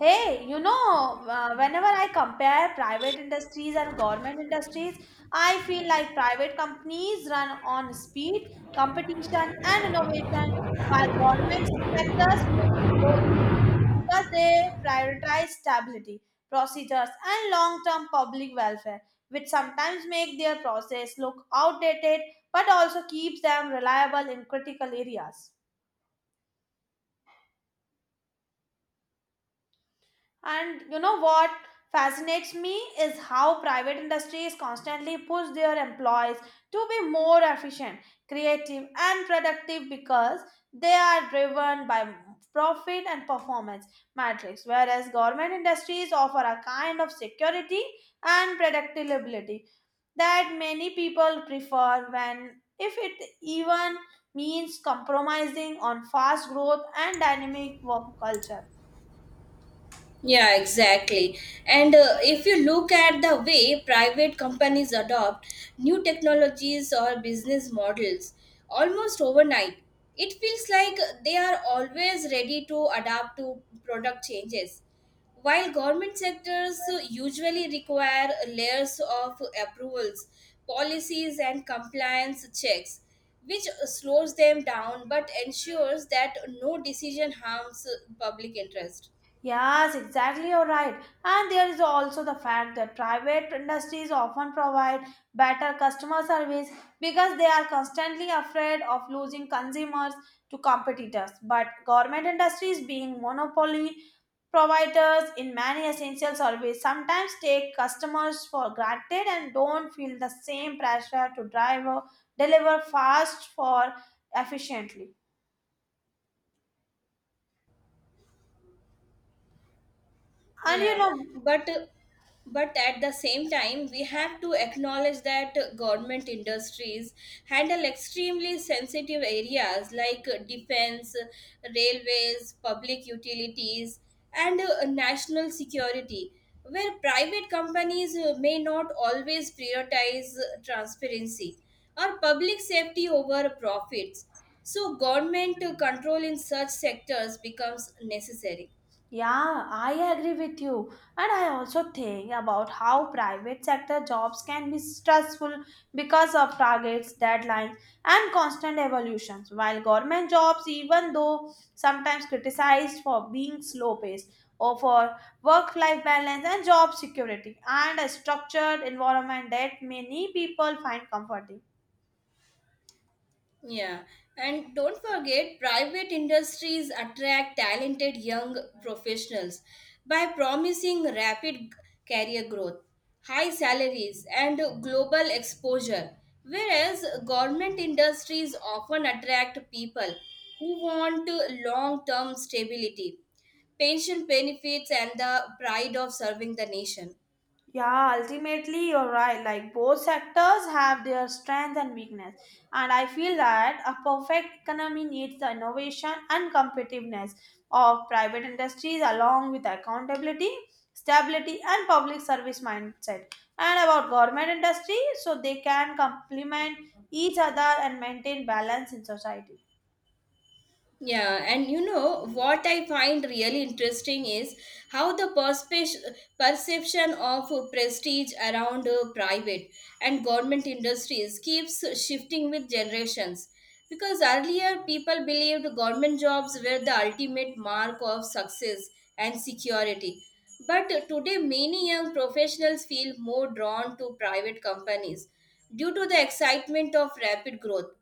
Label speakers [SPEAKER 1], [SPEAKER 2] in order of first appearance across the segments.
[SPEAKER 1] Whenever I compare private industries and government industries, I feel like private companies run on speed, competition, and innovation, while government sectors move slowly because they prioritize stability, procedures, and long term public welfare, which sometimes make their process look outdated but also keeps them reliable in critical areas. And you know what fascinates me is how private industries constantly push their employees to be more efficient, creative, and productive because they are driven by profit and performance metrics, whereas government industries offer a kind of security and predictability that many people prefer when if it even means compromising on fast growth and dynamic work culture.
[SPEAKER 2] Yeah, exactly. And if you look at the way private companies adopt new technologies or business models almost overnight, it feels like they are always ready to adapt to product changes. While government sectors usually require layers of approvals, policies, and compliance checks, which slows them down but ensures that no decision harms public interest.
[SPEAKER 1] Yes, exactly, you're right. And there is also the fact that private industries often provide better customer service because they are constantly afraid of losing consumers to competitors. But government industries, being monopoly providers in many essential services, sometimes take customers for granted and don't feel the same pressure to drive or deliver fast for efficiently. And you
[SPEAKER 2] Yeah,
[SPEAKER 1] know,
[SPEAKER 2] but but at the same time, we have to acknowledge that government industries handle extremely sensitive areas like defense, railways, public utilities, and national security, where private companies may not always prioritize transparency or public safety over profits. So, government control in such sectors becomes necessary.
[SPEAKER 1] Yeah, I agree with you. And I also think about how private sector jobs can be stressful because of targets, deadlines, and constant evolutions, while government jobs, even though sometimes criticized for being slow paced or for work life balance and job security and a structured environment that many people find comforting.
[SPEAKER 2] Yeah, and don't forget, private industries attract talented young professionals by promising career growth, high salaries, and global exposure. Whereas government industries often attract people who want long term stability, pension benefits, and the pride of serving the nation.
[SPEAKER 1] Yeah, ultimately, you're right. Like, both sectors have their strengths and weakness. And I feel that a perfect economy needs the innovation and competitiveness of private industries, along with accountability, stability, and public service mindset. And about government industry, so they can complement each other and maintain balance in society.
[SPEAKER 2] Yeah, and you know what I find really interesting is how the perception of prestige around private and government industries keeps shifting with generations. Because earlier people believed government jobs were the ultimate mark of success and security. But today, many young professionals feel more drawn to private companies due to the excitement of rapid growth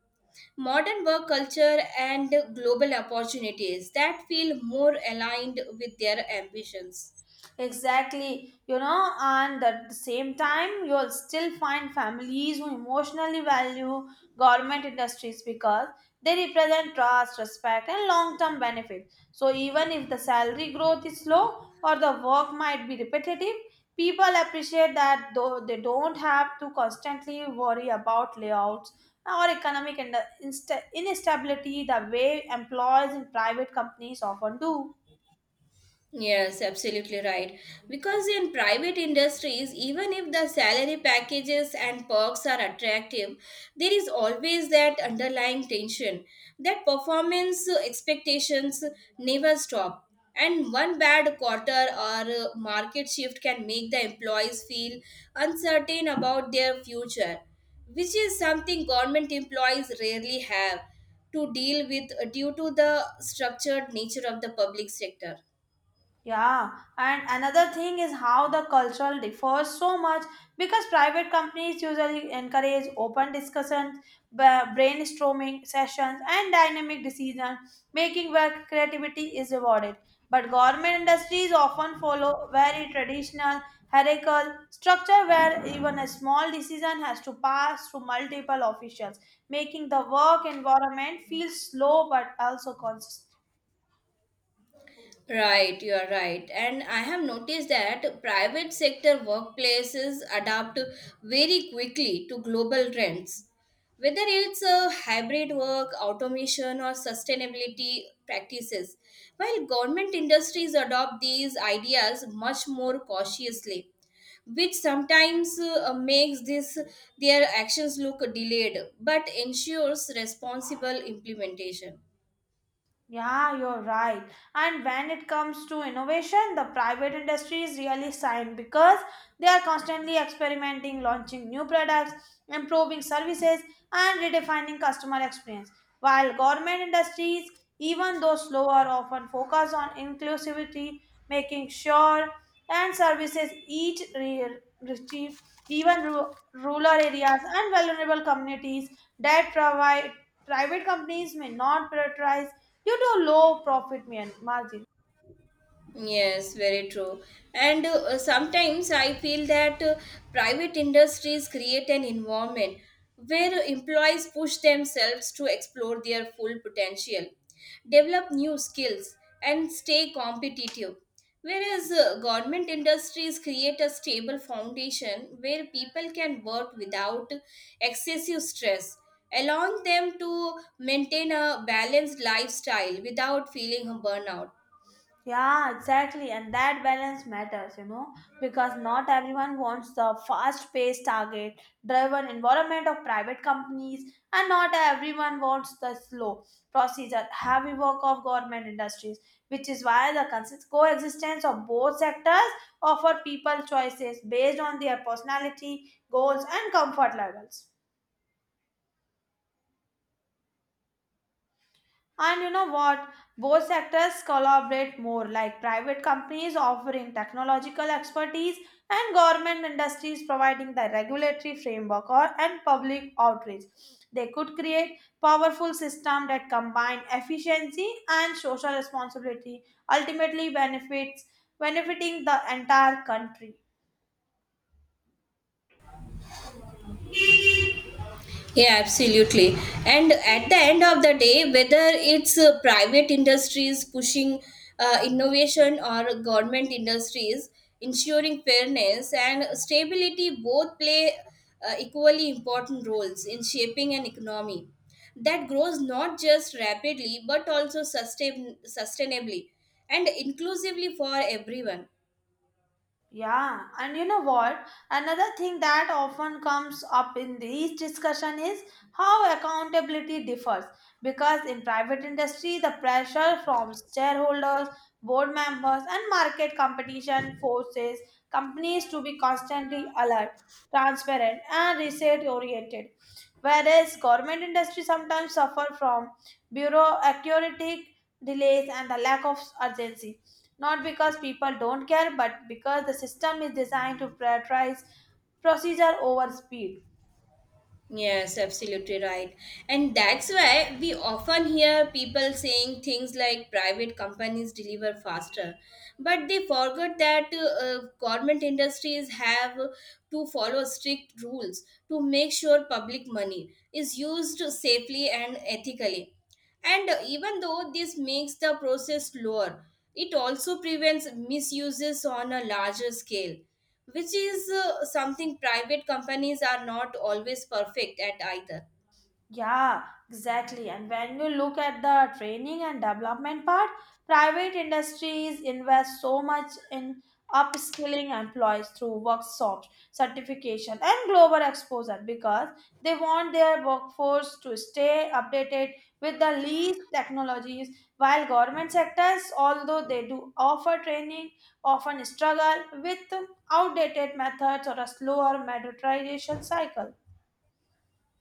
[SPEAKER 2] modern work culture and global opportunities that feel more aligned with their ambitions.
[SPEAKER 1] Exactly, you know, and at the same time, you'll still find families who emotionally value government industries because they represent trust, respect, and long term benefits. So, even if the salary growth is slow or the work might be repetitive, people appreciate that though they don't have to constantly worry about layouts or economic instability the way employees in private companies often do.
[SPEAKER 2] Yes, absolutely right. Because in private industries, even if the salary packages and perks are attractive, there is always that underlying tension that performance expectations never stop. And one bad quarter or market shift can make the employees feel uncertain about their future, which is something government employees rarely have to deal with due to the structured nature of the public sector.
[SPEAKER 1] Yeah, and another thing is how the cultural differs so much because private companies usually encourage open discussions, brainstorming sessions, and dynamic decision making where creativity is rewarded. But government industries often follow very traditional hierarchical structure where even a small decision has to pass through multiple officials, making the work environment feel slow but also consistent.
[SPEAKER 2] Right, you are right. And I have noticed that private sector workplaces adapt very quickly to global trends. Whether it's a hybrid work, automation, or sustainability practices, while government industries adopt these ideas much more cautiously, which sometimes makes this their actions look delayed, but ensures responsible implementation.
[SPEAKER 1] Yeah, you're right. And when it comes to innovation, the private industry is really signed because they are constantly experimenting, launching new products, improving services, and redefining customer experience. While government industries, even though slower, often focus on inclusivity, making sure and services each receive even rural areas and vulnerable communities that provide private companies may not prioritize due to low profit margin.
[SPEAKER 2] Yes, very true. And sometimes I feel that private industries create an environment where employees push themselves to explore their full potential, develop new skills, and stay competitive. Whereas government industries create a stable foundation where people can work without excessive stress, allowing them to maintain a balanced lifestyle without feeling a burnout.
[SPEAKER 1] Yeah, exactly. And that balance matters, you know, because not everyone wants the fast paced target driven environment of private companies, and not everyone wants the slow procedure heavy work of government industries, which is why the coexistence of both sectors offer people choices based on their personality, goals, and comfort levels. And you know what? Both sectors collaborate more, like private companies offering technological expertise and government industries providing the regulatory framework or and public outreach. They could create powerful system that combine efficiency and social responsibility, ultimately benefits benefiting the entire country.
[SPEAKER 2] Yeah, absolutely. And at the end of the day, whether it's private industries pushing innovation or government industries ensuring fairness and stability, both play equally important roles in shaping an economy that grows not just rapidly but also sustainably and inclusively for everyone.
[SPEAKER 1] Yeah, and you know what? Another thing that often comes up in these discussion is how accountability differs. Because in private industry, the pressure from shareholders, board members, and market competition forces companies to be constantly alert, transparent, and research-oriented. Whereas government industry sometimes suffer from bureaucratic delays and the lack of urgency not because people don't care, but because the system is designed to prioritize procedure over speed.
[SPEAKER 2] Yes, absolutely right. And that's why we often hear people saying things like private companies deliver faster. But they forget that government industries have to follow strict rules to make sure public money is used safely and ethically. And even though this makes the process slower, it also prevents misuses on a larger scale which is something private companies are not always perfect at either.
[SPEAKER 1] Yeah, exactly. And when you look at the training and development part, private industries invest so much in upskilling employees through workshops, certification, and global exposure because they want their workforce to stay updated with the least technologies. While government sectors, although they do offer training, often struggle with outdated methods or a slower monetization cycle.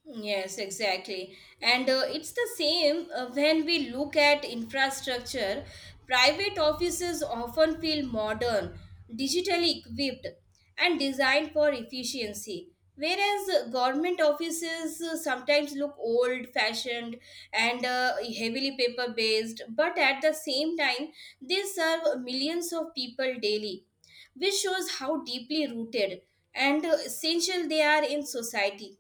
[SPEAKER 2] Yes, exactly. And it's the same when we look at infrastructure. Private offices often feel modern, digitally equipped, and designed for efficiency, whereas government offices sometimes look old fashioned and heavily paper based, but at the same time, they serve millions of people daily, which shows how deeply rooted and essential they are in society.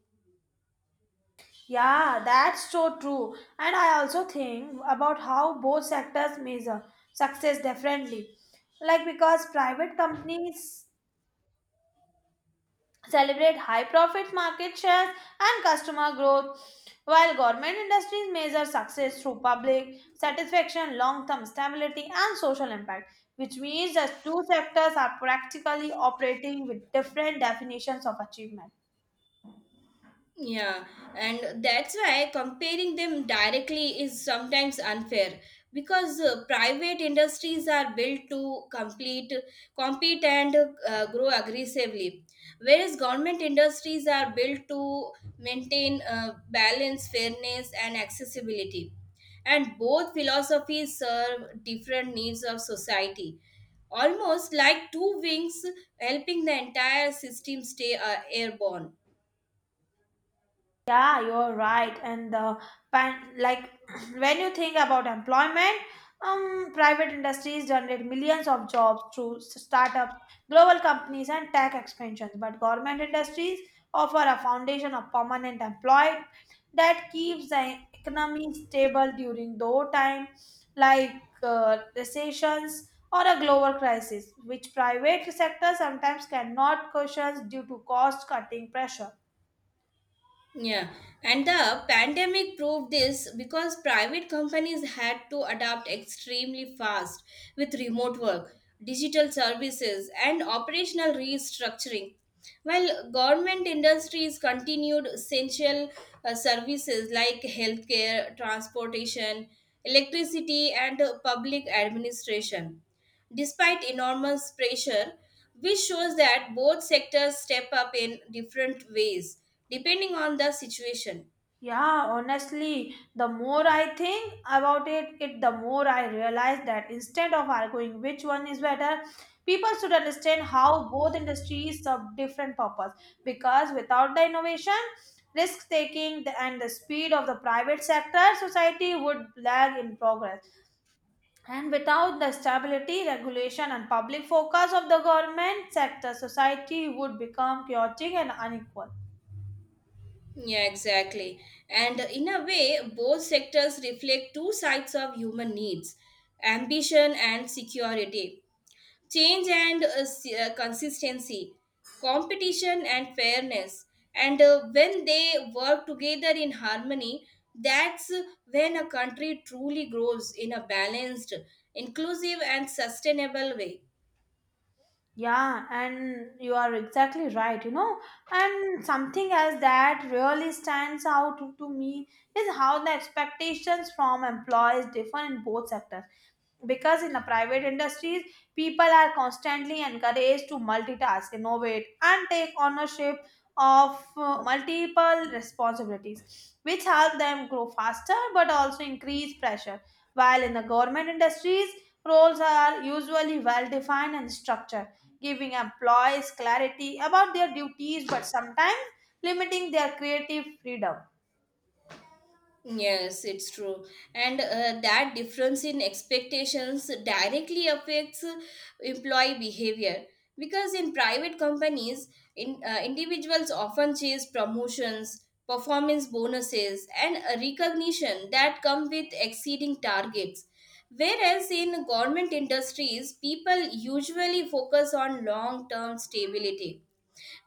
[SPEAKER 1] Yeah, that's so true. And I also think about how both sectors measure success differently. Like because private companies celebrate high profit market shares and customer growth, while government industries measure success through public satisfaction, long-term stability, and social impact, which means that two sectors are practically operating with different definitions of achievement.
[SPEAKER 2] Yeah, and that's why comparing them directly is sometimes unfair because private industries are built to compete and grow aggressively, whereas government industries are built to maintain balance, fairness, and accessibility. And both philosophies serve different needs of society, almost like two wings helping the entire system stay airborne.
[SPEAKER 1] Yeah, you're right. And the pan like when you think about employment, private industries generate millions of jobs through startups, global companies, and tech expansions. But government industries offer a foundation of permanent employment that keeps the economy stable during low time, like recessions or a global crisis, which private sector sometimes cannot cushion due to cost cutting pressure.
[SPEAKER 2] Yeah, and the pandemic proved this because private companies had to adapt extremely fast with remote work, digital services, and operational restructuring. While government industries continued essential services like healthcare, transportation, electricity, and public administration despite enormous pressure, which shows that both sectors step up in different ways depending on the situation.
[SPEAKER 1] Yeah, honestly, the more I think about it, the more I realize that instead of arguing which one is better, people should understand how both industries serve different purpose. Because without the innovation, risk taking and the speed of the private sector, society would lag in progress. And without the stability, regulation, and public focus of the government sector, society would become chaotic and unequal.
[SPEAKER 2] Yeah, exactly. And in a way, both sectors reflect two sides of human needs: ambition and security, change and consistency, competition and fairness. And when they work together in harmony, that's when a country truly grows in a balanced, inclusive, and sustainable way.
[SPEAKER 1] Yeah, and you are exactly right, you know. And something else that really stands out to me is how the expectations from employees differ in both sectors because in the private industries people are constantly encouraged to multitask innovate and take ownership of multiple responsibilities which help them grow faster but also increase pressure while in the government industries roles are usually well defined and structured giving employees clarity about their duties but sometimes limiting their creative freedom.
[SPEAKER 2] Yes, it's true. And that difference in expectations directly affects employee behavior. Because in private companies, individuals often chase promotions, performance bonuses, and recognition that come with exceeding targets. Whereas in government industries, people usually focus on long term stability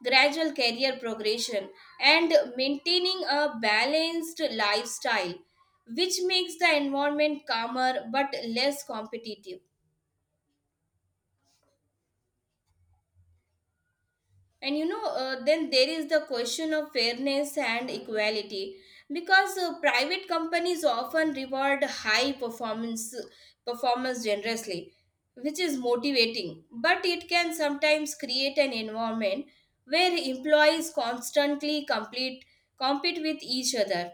[SPEAKER 2] gradual career progression, and maintaining a balanced lifestyle, which makes the environment calmer but less competitive. And you know, then there is the question of fairness and equality because private companies often reward high performance generously which is motivating but it can sometimes create an environment where employees constantly complete compete with each other.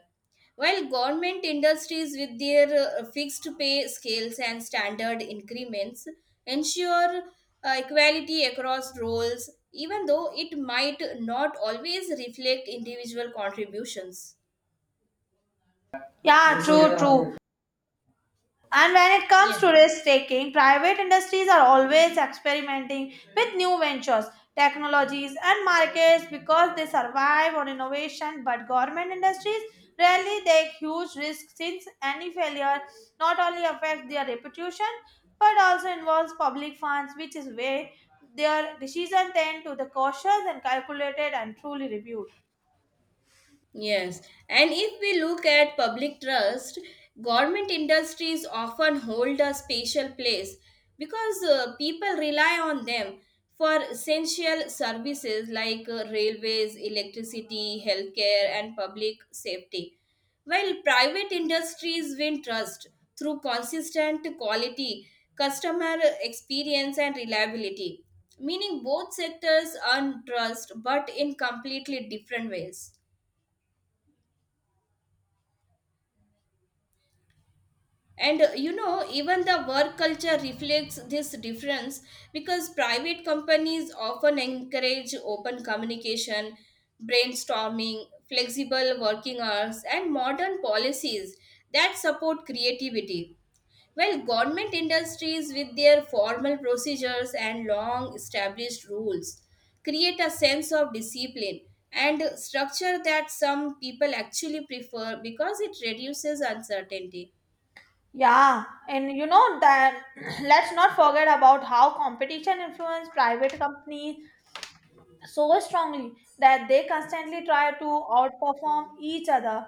[SPEAKER 2] While government industries with their fixed pay scales and standard increments ensure equality across roles, even though it might not always reflect individual contributions.
[SPEAKER 1] Yeah, true. And when it comes
[SPEAKER 2] Yeah.
[SPEAKER 1] to risk taking, private industries are always experimenting with new ventures, technologies, and markets because they survive on innovation. But government industries rarely take huge risks since any failure not only affects their reputation but also involves public funds, which is where their decisions tend to the cautious and calculated and truly reviewed.
[SPEAKER 2] Yes, and if we look at public trust, government industries often hold a special place because people rely on them for essential services like railways, electricity, healthcare, and public safety. While private industries win trust through consistent quality, customer experience, and reliability, meaning both sectors earn trust but in completely different ways. And you know, even the work culture reflects this difference because private companies often encourage open communication, brainstorming, flexible working hours, and modern policies that support creativity. While government industries, with their formal procedures and long established rules, create a sense of discipline and structure that some people actually prefer because it reduces uncertainty.
[SPEAKER 1] Yeah, and you know that let's not forget about how competition influences private companies so strongly that they constantly try to outperform each other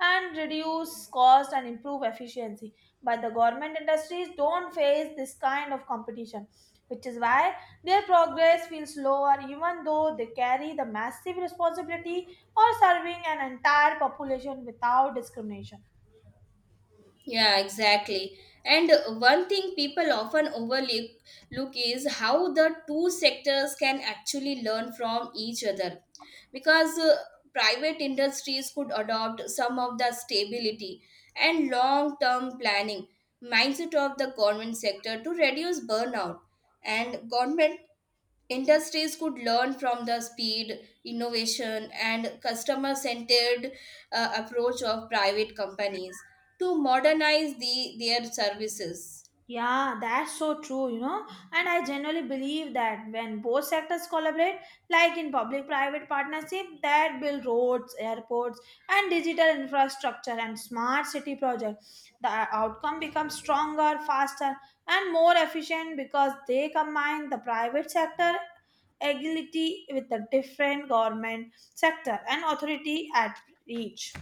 [SPEAKER 1] and reduce cost and improve efficiency. But the government industries don't face this kind of competition, which is why their progress feels slower even though they carry the massive responsibility of serving an entire population without discrimination.
[SPEAKER 2] Yeah, exactly. And one thing people often overlook look is how the two sectors can actually learn from each other. Because private industries could adopt some of the stability and long term planning mindset of the government sector to reduce burnout. And government industries could learn from the speed, innovation, and customer centered approach of private companies to modernize their services.
[SPEAKER 1] Yeah, that's so true, you know. And I generally believe that when both sectors collaborate, like in public private partnership, that build roads, airports, and digital infrastructure and smart city projects, the outcome becomes stronger, faster, and more efficient because they combine the private sector agility with the different government sector and authority at reach.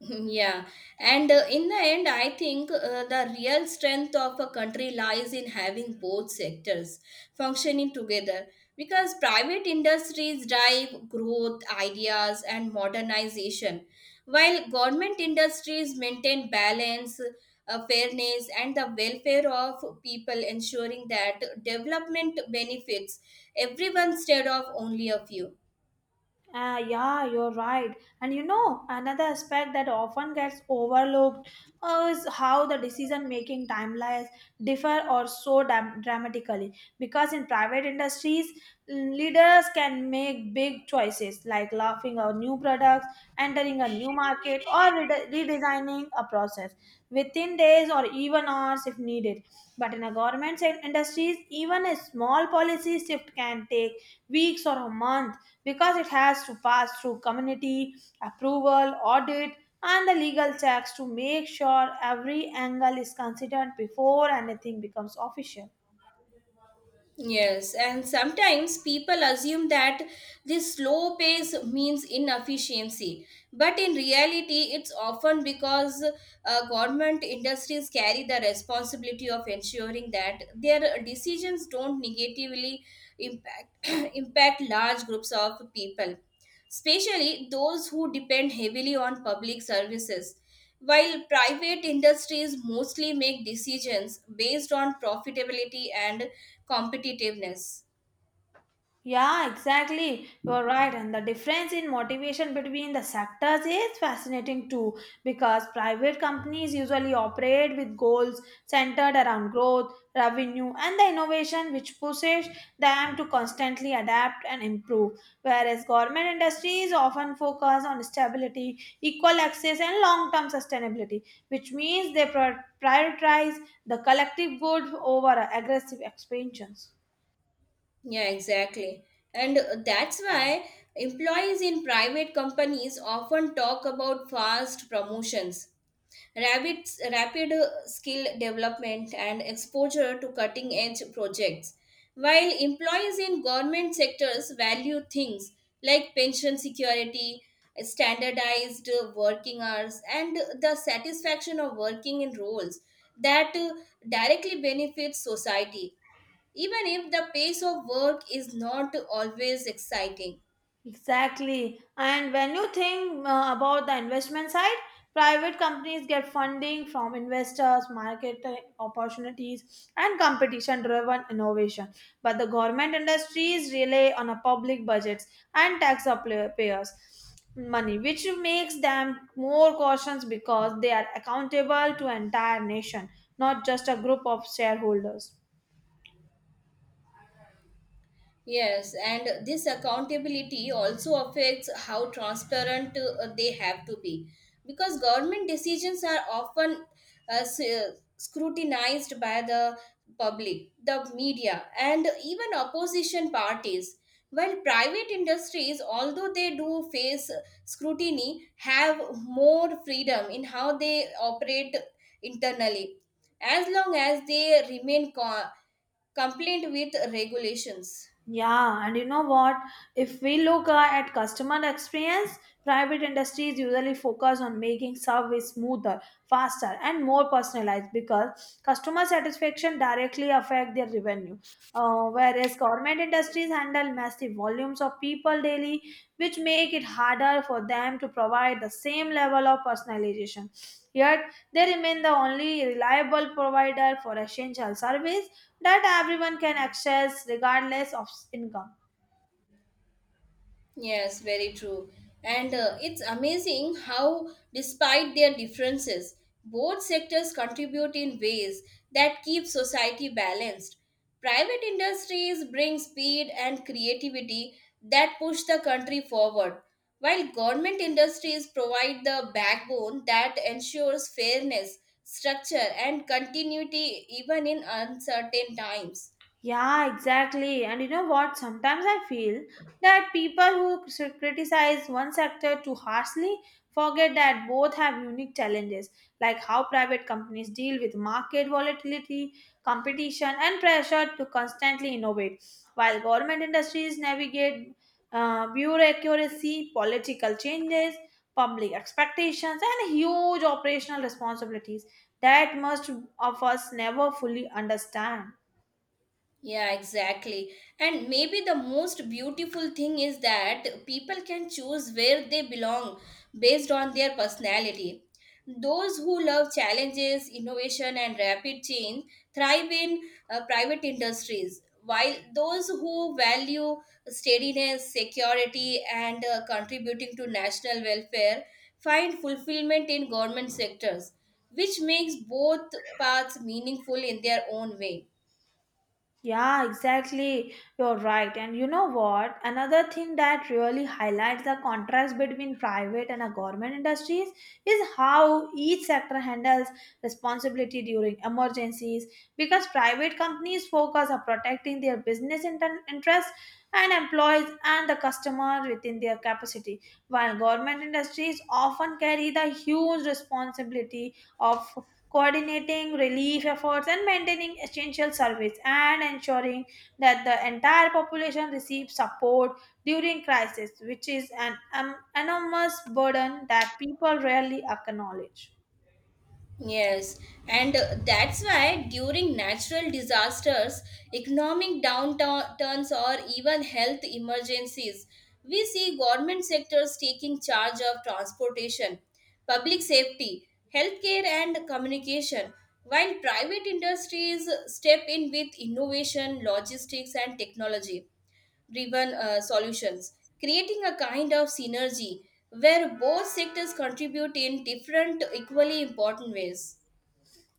[SPEAKER 2] Yeah, and in the end, I think the real strength of a country lies in having both sectors functioning together because private industries drive growth, ideas, and modernization, while government industries maintain balance, fairness, and the welfare of people, ensuring that development benefits everyone instead of only a few.
[SPEAKER 1] Ah, yeah, you're right. And you know, another aspect that often gets overlooked is how the decision making timelines differ or so dramatically. Because in private industries, leaders can make big choices like launching a new product, entering a new market, or redesigning a process within days or even hours if needed. But in a government and industries, even a small policy shift can take weeks or a month because it has to pass through community approval, audit, and the legal checks to make sure every angle is considered before anything becomes official.
[SPEAKER 2] Yes, and sometimes people assume that this slow pace means inefficiency, but in reality, it's often because government industries carry the responsibility of ensuring that their decisions don't negatively impact impact large groups of people, especially those who depend heavily on public services. While private industries mostly make decisions based on profitability and competitiveness.
[SPEAKER 1] Yeah, exactly. You're right. And the difference in motivation between the sectors is fascinating too, because private companies usually operate with goals centered around growth, revenue, and the innovation, which pushes them to constantly adapt and improve. Whereas government industries often focus on stability, equal access, and long term sustainability, which means they prioritize the collective good over aggressive expansions.
[SPEAKER 2] Yeah, exactly. And that's why employees in private companies often talk about fast promotions, rapid skill development, and exposure to cutting edge projects. While employees in government sectors value things like pension security, standardized working hours, and the satisfaction of working in roles that directly benefit society even if the pace of work is not always exciting.
[SPEAKER 1] Exactly. And when you think about the investment side, private companies get funding from investors, market opportunities, and competition driven innovation. But the government industries rely on a public budgets and taxpayers' money, which makes them more cautious because they are accountable to entire nation, not just a group of shareholders.
[SPEAKER 2] Yes, and this accountability also affects how transparent they have to be because government decisions are often uh, s- uh, scrutinized by the public, the media, and even opposition parties. While private industries, although they do face scrutiny, have more freedom in how they operate internally, as long as they remain compliant with regulations.
[SPEAKER 1] Yeah, and you know what? If we look at customer experience, private industries usually focus on making service smoother, faster, and more personalized because customer satisfaction directly affect their revenue. Whereas government industries handle massive volumes of people daily, which make it harder for them to provide the same level of personalization. Yet they remain the only reliable provider for essential service that everyone can access regardless of income.
[SPEAKER 2] Yes, very true. And it's amazing how, despite their differences, both sectors contribute in ways that keep society balanced. Private industries bring speed and creativity that push the country forward, while government industries provide the backbone that ensures fairness, structure, and continuity even in uncertain times.
[SPEAKER 1] Yeah, exactly. And you know what? Sometimes I feel that people who criticize one sector too harshly forget that both have unique challenges, like how private companies deal with market volatility, competition, and pressure to constantly innovate, while government industries navigate bureaucracy, political changes, public expectations, and huge operational responsibilities that most of us never fully understand.
[SPEAKER 2] Yeah, exactly. And maybe the most beautiful thing is that people can choose where they belong based on their personality. Those who love challenges, innovation, and rapid change thrive in private industries, while those who value steadiness, security, and contributing to national welfare find fulfillment in government sectors, which makes both paths meaningful in their own way.
[SPEAKER 1] Yeah, exactly. You're right. And you know what? Another thing that really highlights the contrast between private and government industries is how each sector handles responsibility during emergencies. Because private companies focus on protecting their business interests and employees and the customer within their capacity, while government industries often carry the huge responsibility of coordinating relief efforts and maintaining essential service and ensuring that the entire population receives support during crisis which is an enormous burden that people rarely acknowledge.
[SPEAKER 2] Yes, and that's why during natural disasters, economic downturns, or even health emergencies, we see government sectors taking charge of transportation, public safety, healthcare, and communication, while private industries step in with innovation, logistics, and technology driven solutions, creating a kind of synergy where both sectors contribute in different, equally important ways.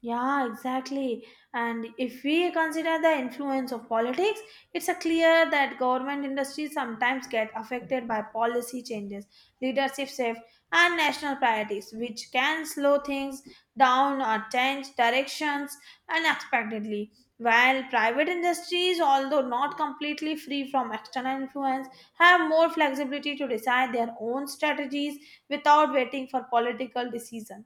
[SPEAKER 1] Yeah, exactly. And if we consider the influence of politics, it's a clear that government industries sometimes get affected by policy changes, leadership shift, and national priorities, which can slow things down or change directions unexpectedly. While private industries, although not completely free from external influence, have more flexibility to decide their own strategies without waiting for political decisions.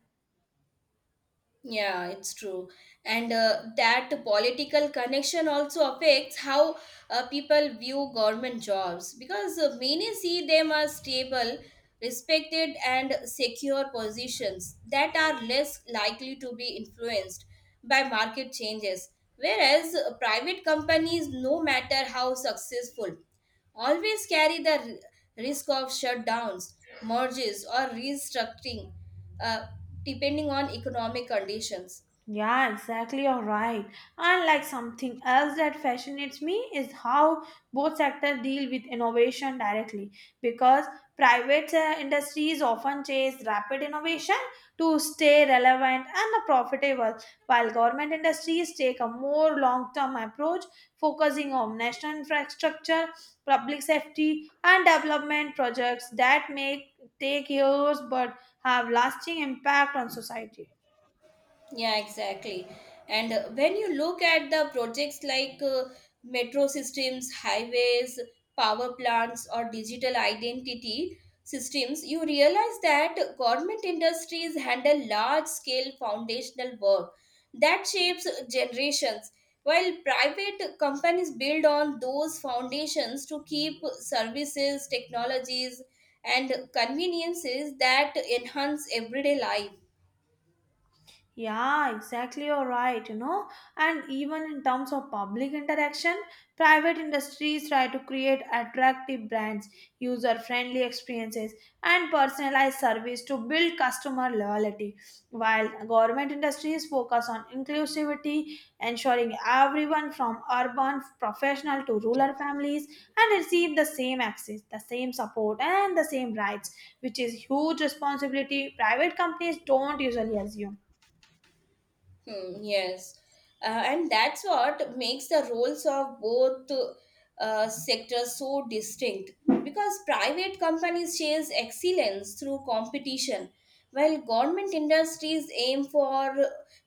[SPEAKER 2] Yeah, it's true. And that political connection also affects how people view government jobs because many see them as stable, respected, and secure positions that are less likely to be influenced by market changes. Whereas private companies, no matter how successful, always carry the risk of shutdowns, mergers, or restructuring, uh, depending on economic conditions.
[SPEAKER 1] Yeah, exactly. You're right. And like something else that fascinates me is how both sectors deal with innovation directly because private industries often chase rapid innovation to stay relevant and profitable, while government industries take a more long term approach focusing on national infrastructure, public safety, and development projects that may take years but have lasting impact on society.
[SPEAKER 2] Yeah, exactly. And when you look at the projects like metro systems, highways, power plants, or digital identity systems, you realize that government industries handle large scale foundational work that shapes generations, while private companies build on those foundations to keep services, technologies, and conveniences that enhance everyday life.
[SPEAKER 1] Yeah, exactly. You're right. You know, and even in terms of public interaction, private industries try to create attractive brands, user friendly experiences, and personalized service to build customer loyalty. While government industries focus on inclusivity, ensuring everyone from urban professional to rural families and receive the same access, the same support, and the same rights, which is huge responsibility private companies don't usually assume.
[SPEAKER 2] Hmm, yes. And that's what makes the roles of both sectors so distinct because private companies chase excellence through competition, while government industries aim for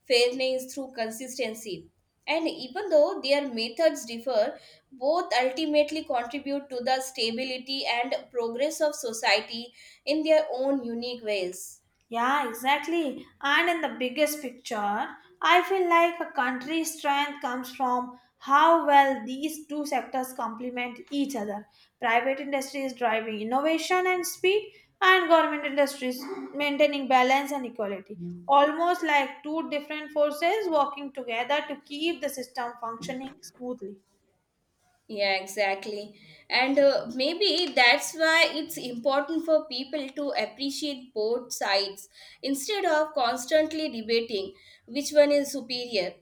[SPEAKER 2] fairness through consistency. And even though their methods differ, both ultimately contribute to the stability and progress of society in their own unique ways.
[SPEAKER 1] Yeah, exactly. And in the biggest picture, I feel like a country's strength comes from how well these two sectors complement each other. Private industry is driving innovation and speed, and government industry is maintaining balance and equality. Almost like two different forces working together to keep the system functioning smoothly.
[SPEAKER 2] Yeah, exactly. And maybe that's why it's important for people to appreciate both sides instead of constantly debating which one is superior.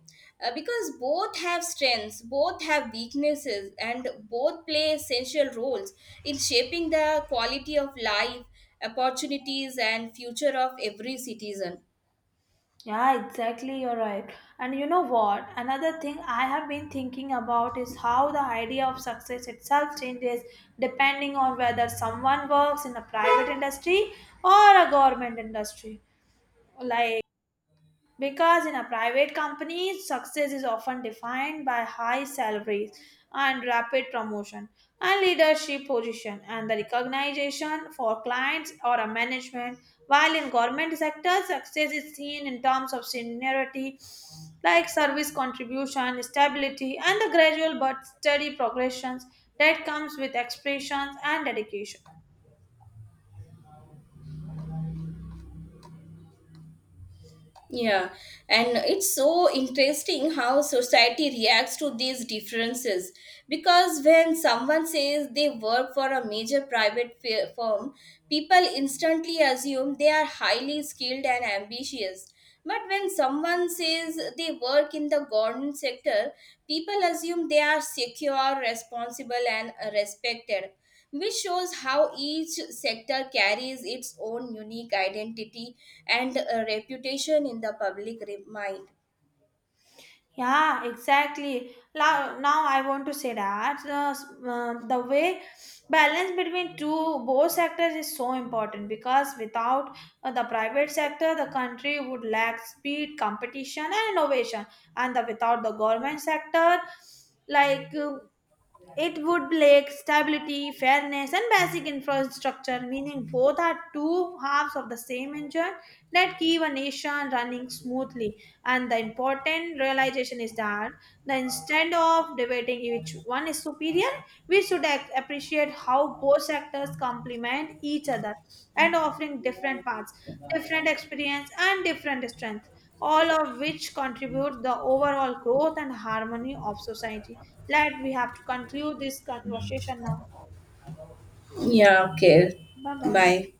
[SPEAKER 2] Because both have strengths, both have weaknesses, and both play essential roles in shaping the quality of life, opportunities, and future of every citizen.
[SPEAKER 1] Yeah, exactly. You're right. And you know what? Another thing I have been thinking about is how the idea of success itself changes depending on whether someone works in a private industry or a government industry. Like because in a private company, success is often defined by high salaries and rapid promotion and leadership position and the recognition for clients or a management. While in government sector, success is seen in terms of seniority, like service contribution, stability, and the gradual but steady progressions that comes with expressions and dedication.
[SPEAKER 2] Yeah, and it's so interesting how society reacts to these differences because when someone says they work for a major firm, people instantly assume they are highly skilled and ambitious. But when someone says they work in the government sector, people assume they are secure, responsible, and respected which shows how each sector carries its own unique identity and reputation in the public re- mind.
[SPEAKER 1] Yeah, exactly. Now I want to say that the way balance between two both sectors is so important because without the private sector, the country would lack speed, competition, and innovation. And the, without the government sector, like it would lack stability, fairness, and basic infrastructure, meaning both are two halves of the same engine that keep a nation running smoothly. And the important realization is that the instead of debating which one is superior, we should appreciate how both sectors complement each other and offering different paths, different experience, and different strength, all of which contribute the overall growth and harmony of society. Let we have to conclude this conversation now.
[SPEAKER 2] Yeah, okay.
[SPEAKER 1] Bye bye.
[SPEAKER 2] Bye.